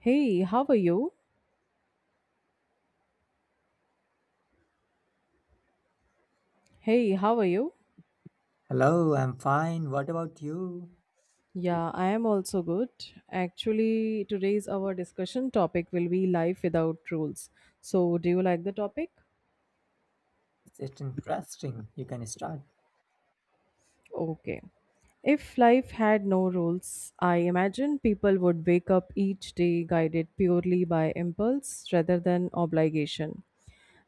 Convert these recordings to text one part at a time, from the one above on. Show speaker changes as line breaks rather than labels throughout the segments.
Hey, how are you? Hey, how are you?
Hello, I'm fine. What about you?
Yeah, I am also good. Actually, today's our discussion topic will be life without rules. So, do you like the topic?
It's interesting. You can start.
Okay. If life had no rules, I imagine people would wake up each day guided purely by impulse rather than obligation.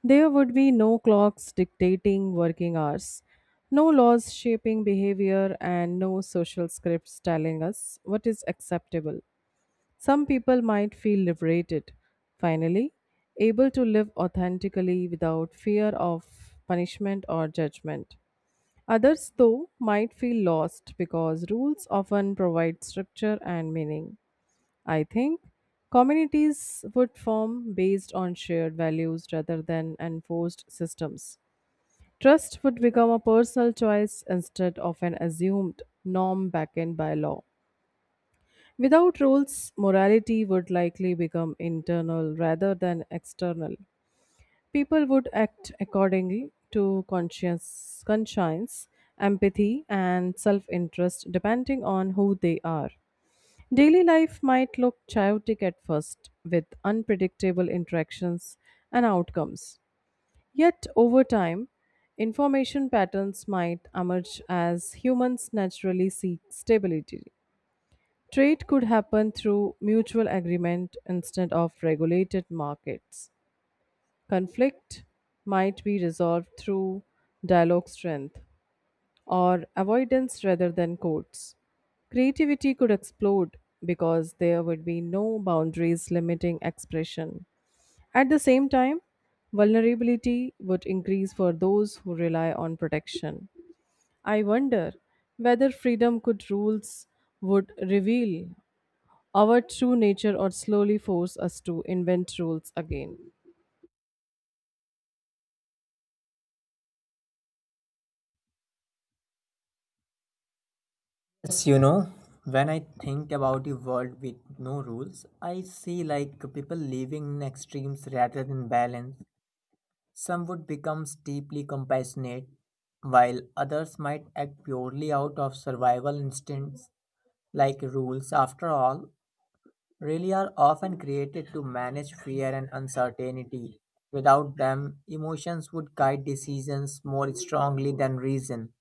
There would be no clocks dictating working hours, no laws shaping behavior, and no social scripts telling us what is acceptable. Some people might feel liberated, finally, able to live authentically without fear of punishment or judgment. Others, though, might feel lost because rules often provide structure and meaning. I think communities would form based on shared values rather than enforced systems. Trust would become a personal choice instead of an assumed norm backed by law. Without rules, morality would likely become internal rather than external. People would act accordingly to conscience, empathy, and self interest depending on who they are. Daily life might look chaotic at first, with unpredictable interactions and outcomes. Yet, over time, information patterns might emerge as humans naturally seek stability. Trade could happen through mutual agreement instead of regulated markets. Conflict might be resolved through dialogue strength or avoidance rather than courts. Creativity could explode because there would be no boundaries limiting expression. At the same time, vulnerability would increase for those who rely on protection. I wonder whether freedom could rules would reveal our true nature or slowly force us to invent rules again.
Yes, you know, when I think about a world with no rules, I see like people living in extremes rather than balance. Some would become deeply compassionate, while others might act purely out of survival instincts, like rules after all really are often created to manage fear and uncertainty. Without them, emotions would guide decisions more strongly than reason.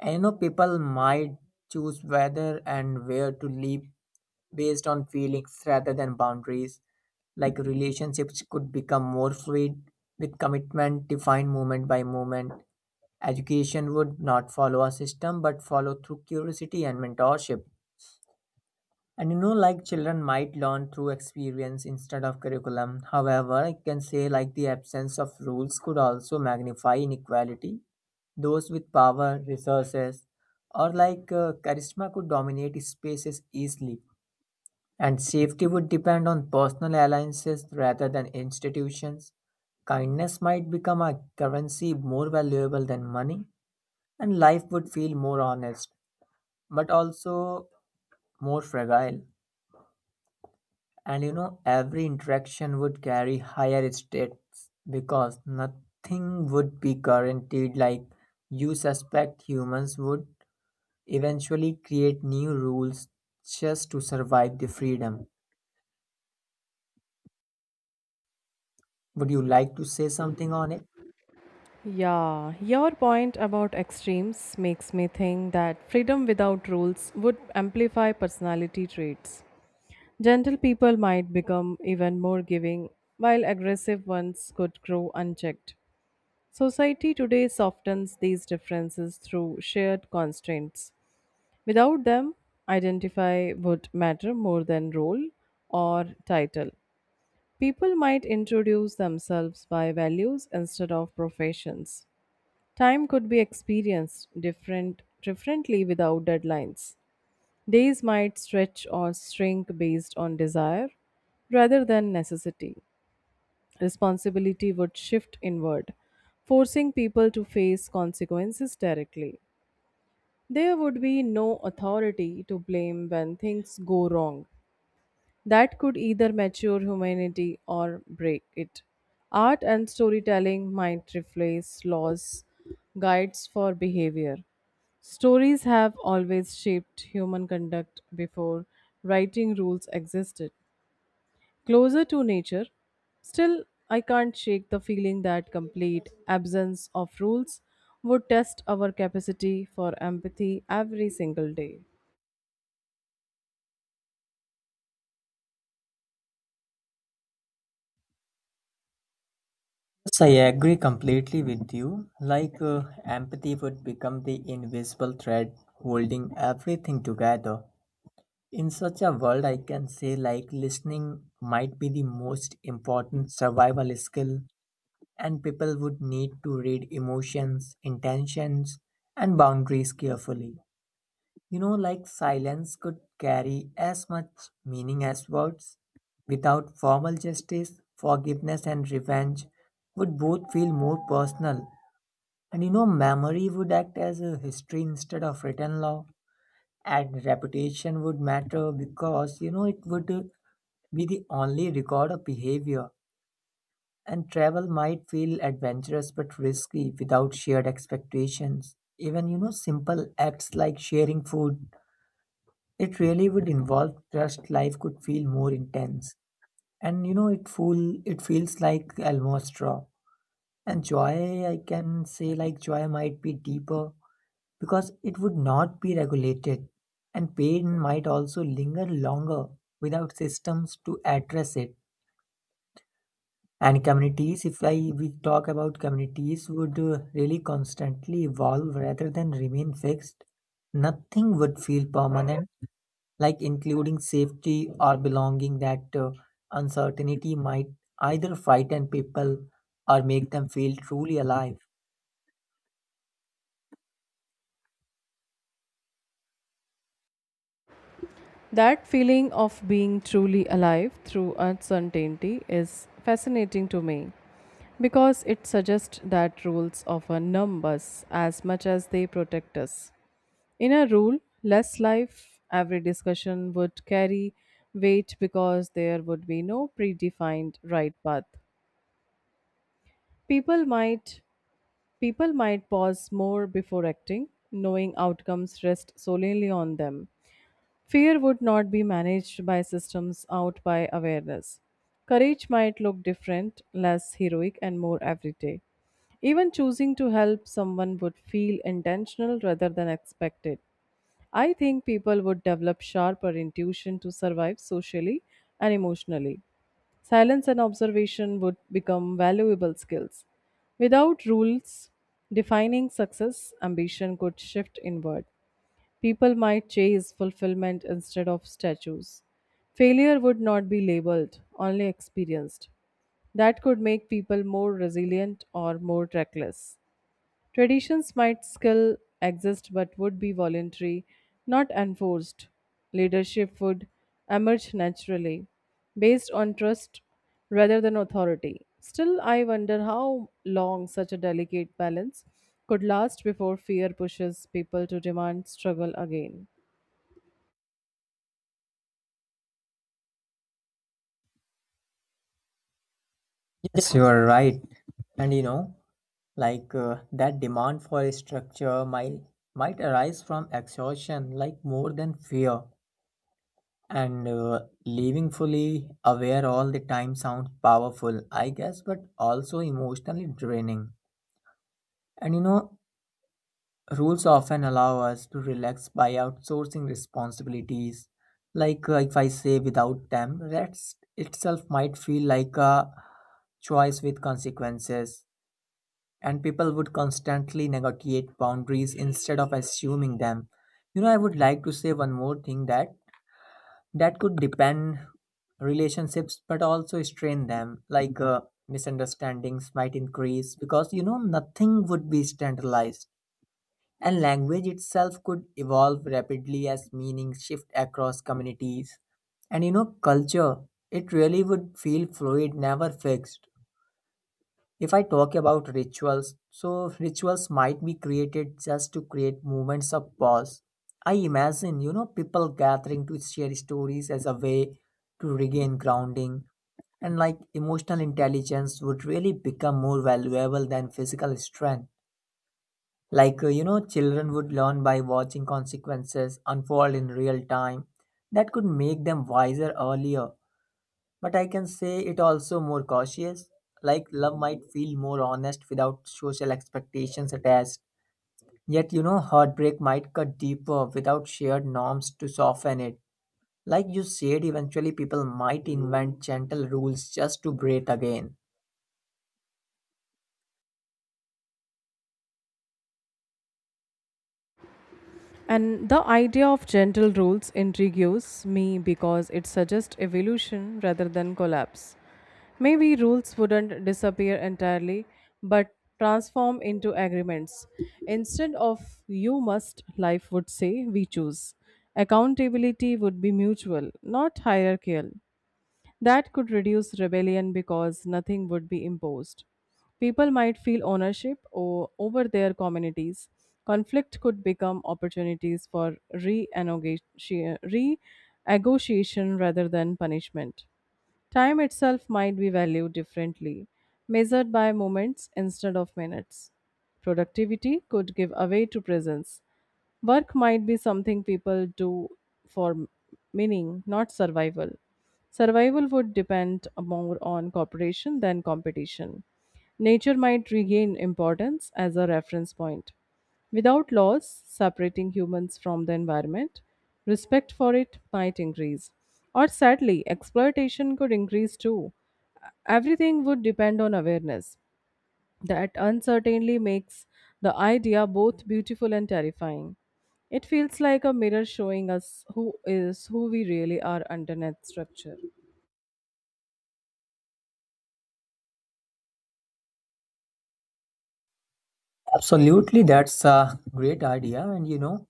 And you know, people might choose whether and where to live based on feelings rather than boundaries. Like relationships could become more fluid with commitment defined moment by moment. Education would not follow a system but follow through curiosity and mentorship. And you know, like children might learn through experience instead of curriculum. However, I can say like the absence of rules could also magnify inequality. Those with power, resources, or like charisma could dominate spaces easily. And safety would depend on personal alliances rather than institutions. Kindness might become a currency more valuable than money, and life would feel more honest, but also more fragile. And you know, every interaction would carry higher stakes because nothing would be guaranteed. Like, you suspect humans would eventually create new rules just to survive the freedom. Would you like to say something on it?
Yeah, your point about extremes makes me think that freedom without rules would amplify personality traits. Gentle people might become even more giving, while aggressive ones could grow unchecked. Society today softens these differences through shared constraints. Without them, identify would matter more than role or title. People might introduce themselves by values instead of professions. Time could be experienced differently without deadlines. Days might stretch or shrink based on desire rather than necessity. Responsibility would shift inward, forcing people to face consequences directly. There would be no authority to blame when things go wrong. That could either mature humanity or break it. Art and storytelling might replace laws, guides for behavior. Stories have always shaped human conduct before writing rules existed. Closer to nature, still, I can't shake the feeling that complete absence of rules would test our capacity for empathy every single day.
Yes, I agree completely with you. Like, empathy would become the invisible thread holding everything together. In such a world, I can say, like, listening might be the most important survival skill and people would need to read emotions, intentions, and boundaries carefully. You know, like silence could carry as much meaning as words. Without formal justice, forgiveness and revenge would both feel more personal. And you know, memory would act as a history instead of written law. And reputation would matter because, you know, it would be the only record of behavior and travel might feel adventurous but risky without shared expectations. Even, you know, simple acts like sharing food, it really would involve trust. Life could feel more intense. And, you know, it feels like almost raw. And joy, I can say like joy might be deeper because it would not be regulated. And pain might also linger longer without systems to address it. And communities, if I we talk about communities, would really constantly evolve rather than remain fixed. Nothing would feel permanent, like including safety or belonging. That Uncertainty might either frighten people or make them feel truly alive.
That feeling of being truly alive through uncertainty is fascinating to me because it suggests that rules often numb us as much as they protect us. In a rule, less life, every discussion would carry weight because there would be no predefined right path. People might People might pause more before acting, knowing outcomes rest solely on them. Fear would not be managed by systems out by awareness. Courage might look different, less heroic, and more everyday. Even choosing to help someone would feel intentional rather than expected. I think people would develop sharper intuition to survive socially and emotionally. Silence and observation would become valuable skills. Without rules defining success, ambition could shift inward. People might chase fulfillment instead of statues. Failure would not be labeled, only experienced. That could make people more resilient or more reckless. Traditions might still exist but would be voluntary, not enforced. Leadership would emerge naturally, based on trust rather than authority. Still, I wonder how long such a delicate balance could last before fear pushes people to demand struggle again.
Yes, you are right. And you know, like that demand for a structure might arise from exhaustion, like more than fear. And living fully aware all the time sounds powerful, I guess, but also emotionally draining. And you know, rules often allow us to relax by outsourcing responsibilities. Like if I say without them, rest itself might feel like a choice with consequences. And people would constantly negotiate boundaries instead of assuming them. You know, I would like to say one more thing that could depend relationships but also strain them like misunderstandings might increase because you know nothing would be standardized, and language itself could evolve rapidly as meanings shift across communities. And you know, culture, it really would feel fluid, never fixed. If I talk about rituals, so rituals might be created just to create moments of pause. I imagine, you know, people gathering to share stories as a way to regain grounding, and like emotional intelligence would really become more valuable than physical strength. Like, you know, children would learn by watching consequences unfold in real time. That could make them wiser earlier. But I can say it also more cautious. Like love might feel more honest without social expectations attached. Yet, you know, heartbreak might cut deeper without shared norms to soften it. Like you said, eventually people might invent gentle rules just to breathe again.
And the idea of gentle rules intrigues me because it suggests evolution rather than collapse. Maybe rules wouldn't disappear entirely, but transform into agreements. Instead of you must, life would say we choose. Accountability would be mutual, not hierarchical. That could reduce rebellion because nothing would be imposed. People might feel ownership over their communities. Conflict could become opportunities for renegotiation rather than punishment. Time itself might be valued differently, measured by moments instead of minutes. Productivity could give away to presence. Work might be something people do for meaning, not survival. Survival would depend more on cooperation than competition. Nature might regain importance as a reference point. Without laws separating humans from the environment, respect for it might increase. Or sadly, exploitation could increase too. Everything would depend on awareness. That uncertainty makes the idea both beautiful and terrifying. It feels like a mirror showing us who is who we really are underneath structure.
Absolutely, that's a great idea. And you know,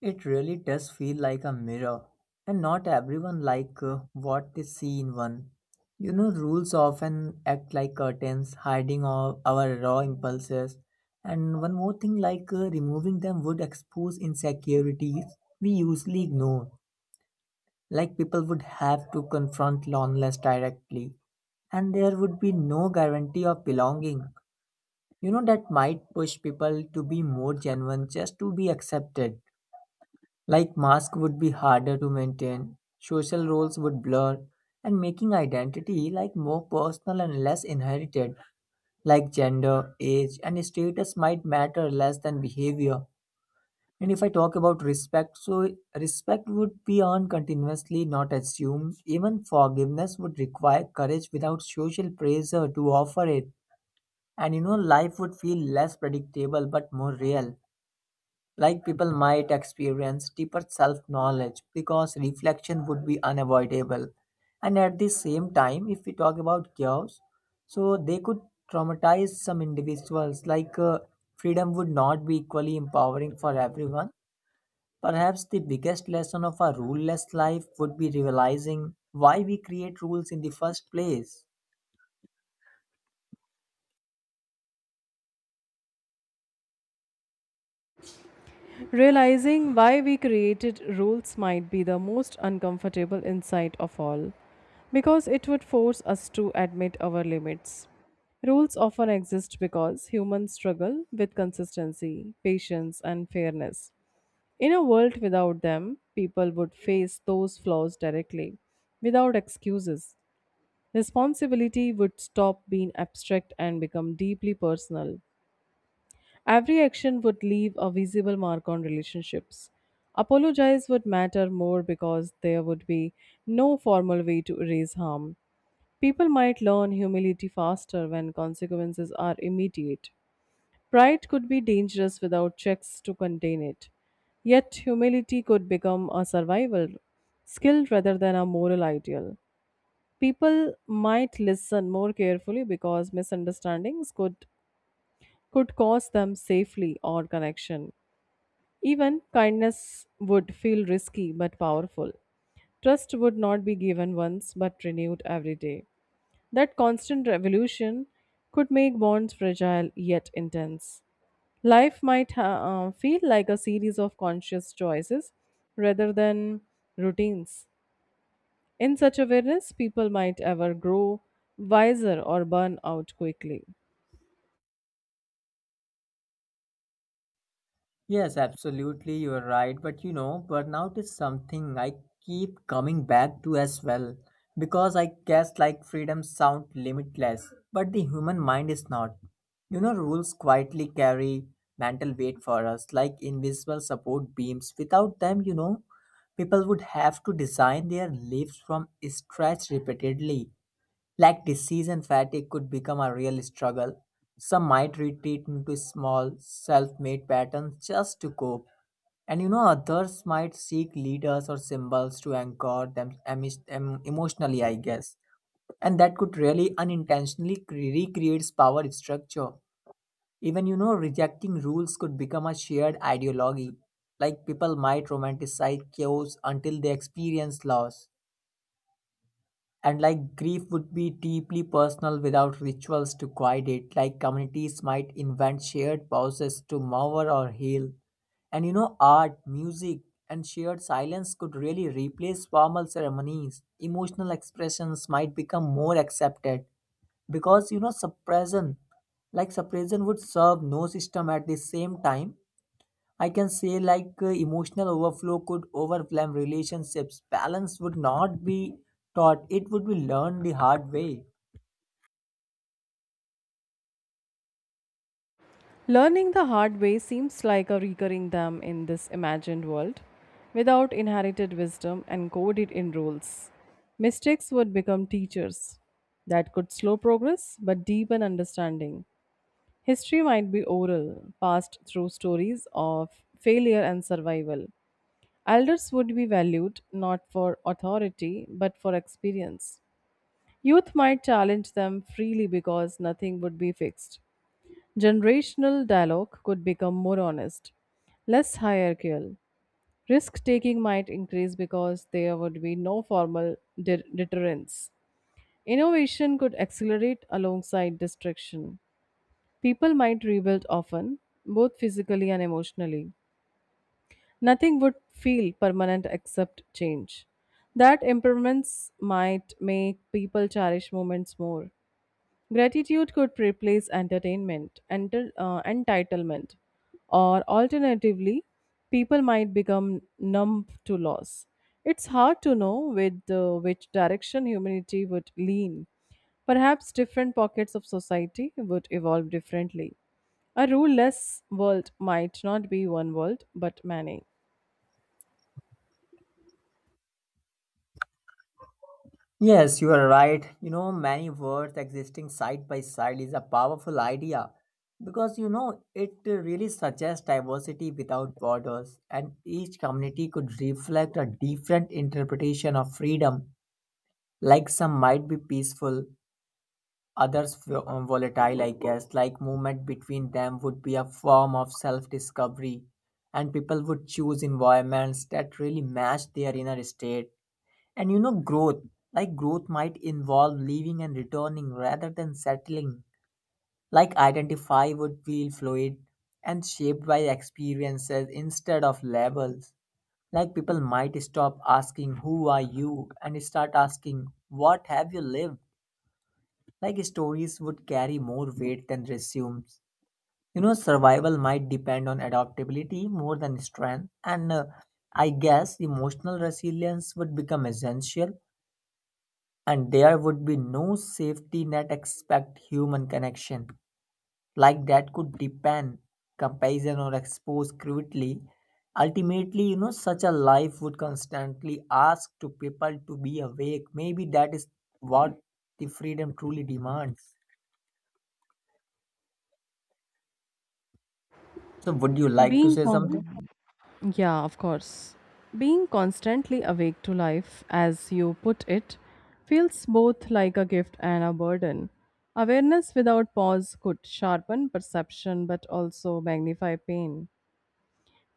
it really does feel like a mirror, and not everyone like what they see in one. You know, rules often act like curtains, hiding all our raw impulses. And one more thing, like removing them would expose insecurities we usually ignore. Like people would have to confront loneliness directly, and there would be no guarantee of belonging. You know, that might push people to be more genuine just to be accepted. Like masks would be harder to maintain, social roles would blur, and making identity like more personal and less inherited, like gender, age, and status might matter less than behavior. And if I talk about respect, so respect would be earned continuously, not assumed. Even forgiveness would require courage without social pressure to offer it. And you know, life would feel less predictable but more real. Like people might experience deeper self knowledge because reflection would be unavoidable. And at the same time, if we talk about chaos, so they could traumatize some individuals, like freedom would not be equally empowering for everyone. Perhaps the biggest lesson of a ruleless life would be realizing why we create rules in the first place.
Realizing why we created rules might be the most uncomfortable insight of all, because it would force us to admit our limits. Rules often exist because humans struggle with consistency, patience, and fairness. In a world without them, people would face those flaws directly, without excuses. Responsibility would stop being abstract and become deeply personal. Every action would leave a visible mark on relationships. Apologize would matter more because there would be no formal way to erase harm. People might learn humility faster when consequences are immediate. Pride could be dangerous without checks to contain it. Yet, humility could become a survival skill rather than a moral ideal. People might listen more carefully because misunderstandings could cause them safely or connection. Even kindness would feel risky but powerful. Trust would not be given once but renewed every day. That constant revolution could make bonds fragile yet intense. Life might feel like a series of conscious choices rather than routines. In such awareness, people might ever grow wiser or burn out quickly.
Yes, absolutely, you're right. But you know, burnout is something I keep coming back to as well. Because I guess like freedom sound limitless, but the human mind is not. You know, rules quietly carry mental weight for us, like invisible support beams. Without them, you know, people would have to design their lives from scratch repeatedly. Like disease and fatigue could become a real struggle. Some might retreat into small, self made patterns just to cope. And you know, others might seek leaders or symbols to anchor them emotionally, I guess. And that could really unintentionally recreates power structure. Even you know, rejecting rules could become a shared ideology. Like people might romanticize chaos until they experience loss. And like grief would be deeply personal without rituals to guide it, like communities might invent shared pauses to mourn or heal. And you know, art, music, and shared silence could really replace formal ceremonies. Emotional expressions might become more accepted because you know, suppression would serve no system. At the same time, I can say like emotional overflow could overwhelm relationships. Balance would not be taught, it would be learned the hard way.
Learning the hard way seems like a recurring theme in this imagined world. Without inherited wisdom and coded in rules, mistakes would become teachers that could slow progress but deepen understanding. History might be oral, passed through stories of failure and survival. Elders would be valued not for authority but for experience. Youth might challenge them freely because nothing would be fixed. Generational dialogue could become more honest, less hierarchical. Risk taking might increase because there would be no formal deterrence. Innovation could accelerate alongside destruction. People might rebuild often, both physically and emotionally. Nothing would feel permanent except change. That impermanence might make people cherish moments more. Gratitude could replace entertainment, entitlement, or alternatively, people might become numb to loss. It's hard to know with which direction humanity would lean. Perhaps different pockets of society would evolve differently. A ruleless world might not be one world, but many.
Yes, you are right. You know, many words existing side by side is a powerful idea because you know it really suggests diversity without borders, and each community could reflect a different interpretation of freedom. Like some might be peaceful, other volatile I guess. Like movement between them would be a form of self-discovery, and people would choose environments that really match their inner state. And you know, growth might involve leaving and returning rather than settling. Like identify would feel fluid and shaped by experiences instead of labels. Like people might stop asking, "Who are you?" and start asking, "What have you lived?" Like stories would carry more weight than resumes. You know, survival might depend on adaptability more than strength, and I guess emotional resilience would become essential, and there would be no safety net except human connection. Like that could depend, comparison, or expose cruelty. Ultimately, you know, such a life would constantly ask to people to be awake. Maybe that is what the freedom truly demands. So, would you like to
Being
say something?
calm. Yeah, of course. Being constantly awake to life, as you put it, feels both like a gift and a burden. Awareness without pause could sharpen perception but also magnify pain.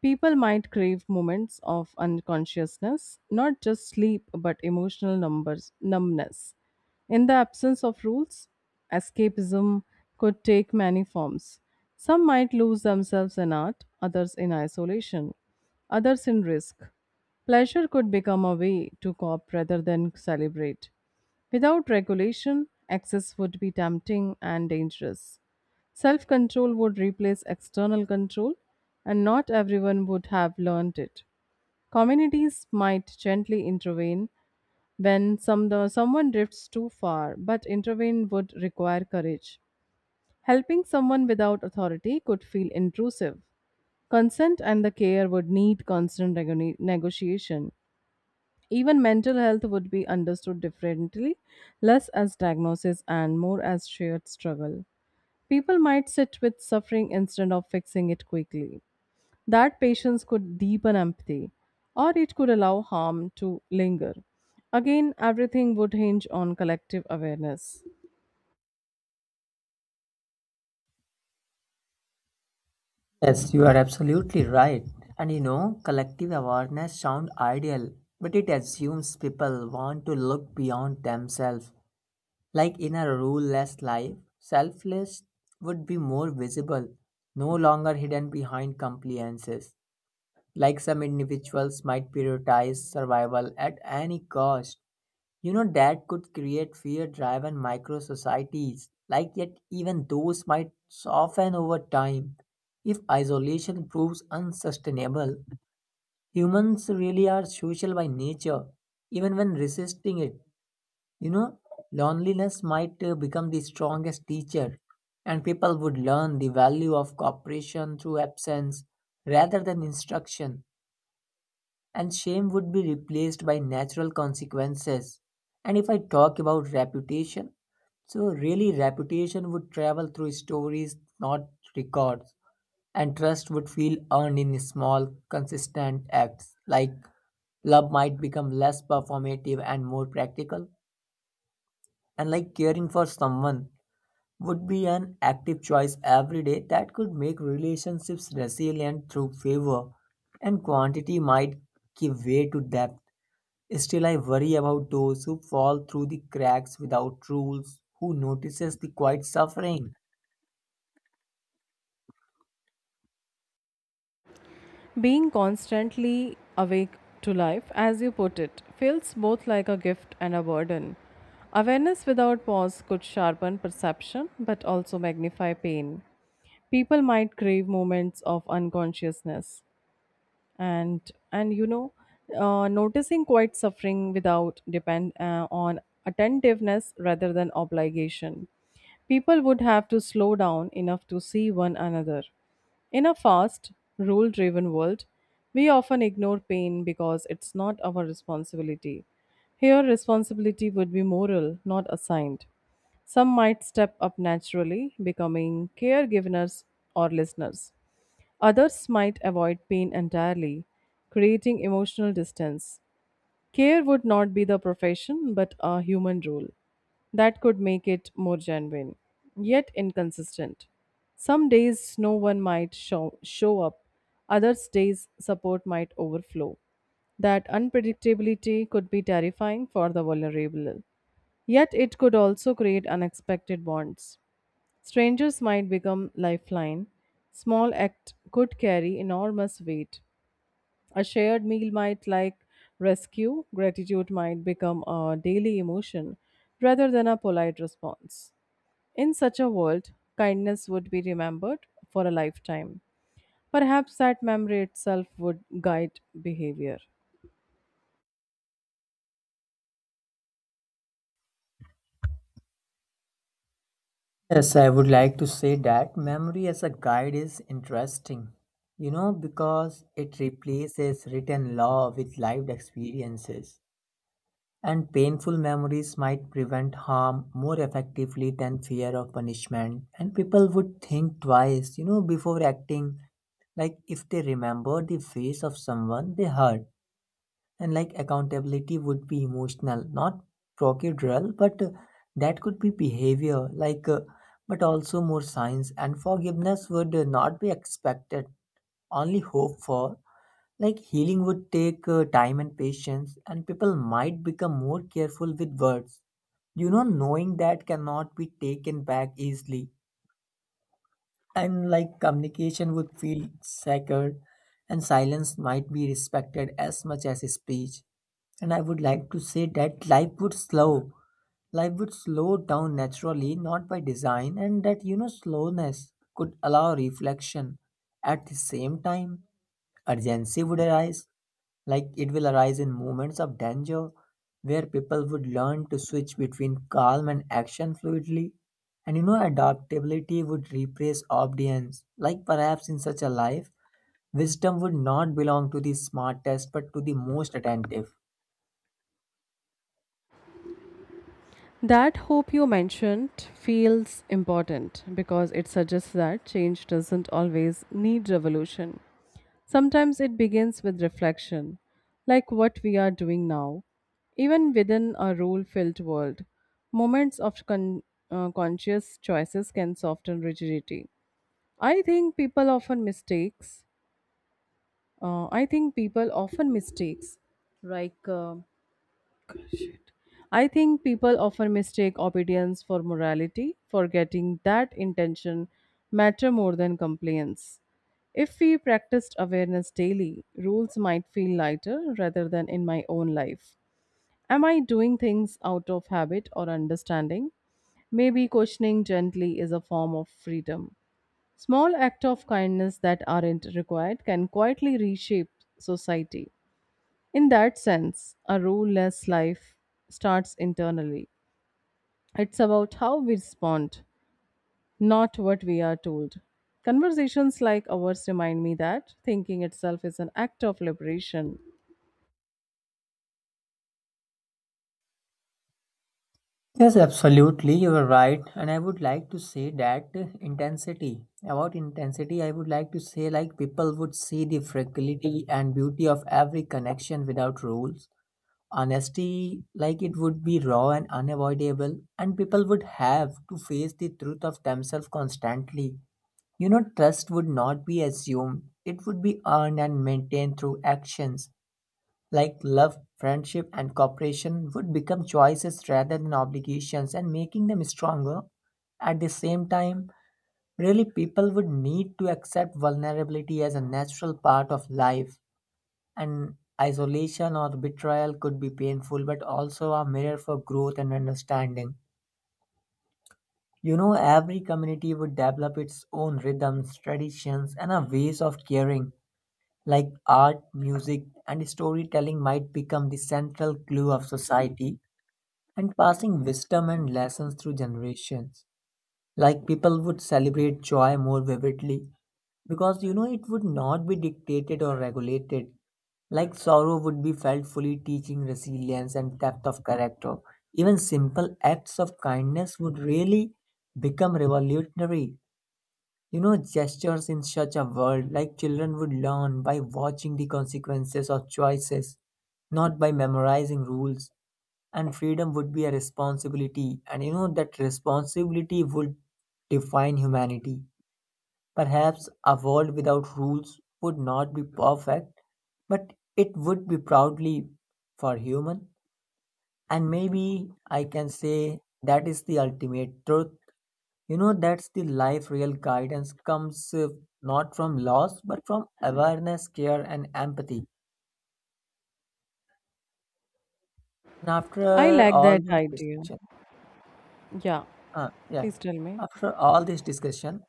People might crave moments of unconsciousness, not just sleep, but emotional numbers, numbness. In the absence of rules, escapism could take many forms. Some might lose themselves in art, others in isolation, others in risk. Pleasure could become a way to cope rather than celebrate. Without regulation, excess would be tempting and dangerous. Self control would replace external control, and not everyone would have learned it. Communities might gently intervene when someone drifts too far, but intervene would require courage. Helping someone without authority could feel intrusive. Consent and the care would need constant negotiation. Even mental health would be understood differently, less as diagnosis and more as shared struggle. People might sit with suffering instead of fixing it quickly. That patience could deepen empathy, or it could allow harm to linger. Again, everything would hinge on collective awareness.
Yes, you are absolutely right. And you know, collective awareness sounds ideal, but it assumes people want to look beyond themselves. Like in a ruleless life, selfless would be more visible, no longer hidden behind compliances. Like some individuals might prioritize survival at any cost. You know, that could create fear driven micro societies, like yet, even those might soften over time. If isolation proves unsustainable, humans really are social by nature, even when resisting it. You know, loneliness might become the strongest teacher, and people would learn the value of cooperation through absence rather than instruction, and shame would be replaced by natural consequences. And if I talk about reputation, so really reputation would travel through stories, not records, and trust would feel earned in small, consistent acts. Like love might become less performative and more practical, and like caring for someone would be an active choice every day. That could make relationships resilient through favor, and quantity might give way to depth. Still, I worry about those who fall through the cracks without rules, who notices the quiet suffering.
Being constantly awake to life, as you put it, feels both like a gift and a burden. Awareness without pause could sharpen perception but also magnify pain. People might crave moments of unconsciousness and noticing quiet suffering without depend on attentiveness rather than obligation. People would have to slow down enough to see one another in a fast rule driven world. We often ignore pain because it's not our responsibility. Here responsibility would be moral not assigned. Some might step up naturally, becoming caregivers or listeners. Others might avoid pain entirely, creating emotional distance. Care would not be the profession but a human role. That could make it more genuine, yet inconsistent. Some days no one might show up, others days support might overflow. That unpredictability could be terrifying for the vulnerable, yet it could also create unexpected bonds. Strangers might become lifeline. Small act could carry enormous weight. A shared meal might like rescue. Gratitude might become a daily emotion rather than a polite response. In such a world, kindness would be remembered for a lifetime. Perhaps that memory itself would guide behavior.
Yes, I would like to say that memory as a guide is interesting, you know, because it replaces written law with lived experiences. And painful memories might prevent harm more effectively than fear of punishment. And people would think twice, you know, before acting, like if they remember the face of someone they hurt. And like accountability would be emotional not procedural, but that could be behavior like but also more science, and forgiveness would not be expected, only hope for. Like healing would take time and patience, and people might become more careful with words, you know, knowing that cannot be taken back easily. And like communication would feel sacred, and silence might be respected as much as speech. And I would like to say that life would slow down naturally, not by design, and that you know slowness could allow reflection. At the same time, urgency would arise, like it will arise in moments of danger, where people would learn to switch between calm and action fluidly. And you know, adaptability would replace obedience. Like perhaps in such a life, wisdom would not belong to the smartest but to the most attentive.
That hope you mentioned feels important because it suggests that change doesn't always need revolution. Sometimes it begins with reflection, like what we are doing now. Even within a rule filled world, moments of conscious choices can soften rigidity. I think people often mistakes. I think people often mistakes. like uh, Shit. I think people often mistake obedience for morality, forgetting that intention matter more than compliance. If we practiced awareness daily, rules might feel lighter rather than in my own life. Am I doing things out of habit or understanding? Maybe questioning gently is a form of freedom. Small acts of kindness that aren't required can quietly reshape society. In that sense, a ruleless life starts internally. It's about how we respond, not what we are told. Conversations like ours remind me that thinking itself is an act of liberation.
Yes, absolutely, you are right. And I would like to say that intensity. About intensity, I would like to say like people would see the fragility and beauty of every connection without rules. Honesty like it would be raw and unavoidable, and people would have to face the truth of themselves constantly. You know, trust would not be assumed, it would be earned and maintained through actions. Like love, friendship, and cooperation would become choices rather than obligations, and making them stronger. At the same time, really people would need to accept vulnerability as a natural part of life, and isolation or betrayal could be painful, but also a mirror for growth and understanding. You know, every community would develop its own rhythms, traditions, and a ways of caring, like art, music, and storytelling might become the central glue of society, and passing wisdom and lessons through generations. Like people would celebrate joy more vividly because you know it would not be dictated or regulated. Like sorrow would be felt fully, teaching resilience and depth of character. Even simple acts of kindness would really become revolutionary, you know, gestures in such a world. Like children would learn by watching the consequences of choices, not by memorizing rules. And freedom would be a responsibility, and you know, that responsibility would define humanity. Perhaps a world without rules would not be perfect, but it would be proudly for human. And maybe I can say that is the ultimate truth, you know, that's the life. Real guidance comes not from loss but from awareness, care, and empathy. And
I
after
like
all
that
this
idea.
discussion
Yeah,
yeah
please tell me.
After all this discussion,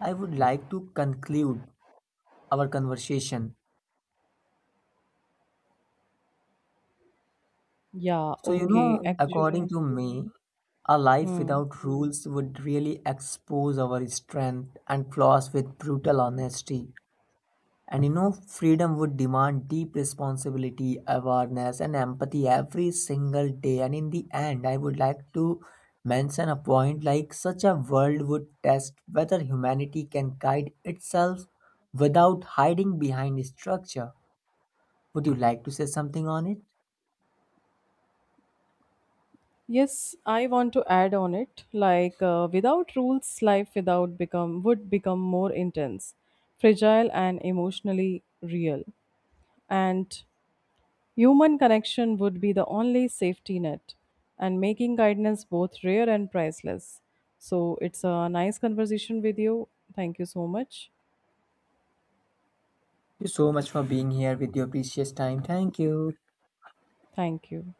I would like to conclude our conversation.
Yeah,
So you
okay,
know, according
actually.
to me, a life
Hmm.
without rules would really expose our strength and flaws with brutal honesty. And you know, freedom would demand deep responsibility, awareness, and empathy every single day. And in the end, I would like to mention a point like such a world would test whether humanity can guide itself without hiding behind structure. Would you like to say something on it?
Yes, I want to add on it. Like without rules, life without become would become more intense, fragile, and emotionally real. And human connection would be the only safety net and making guidance both rare and priceless. So it's a nice conversation with you. Thank you so much.
Thank you so much for being here with your precious time. Thank you.
Thank you.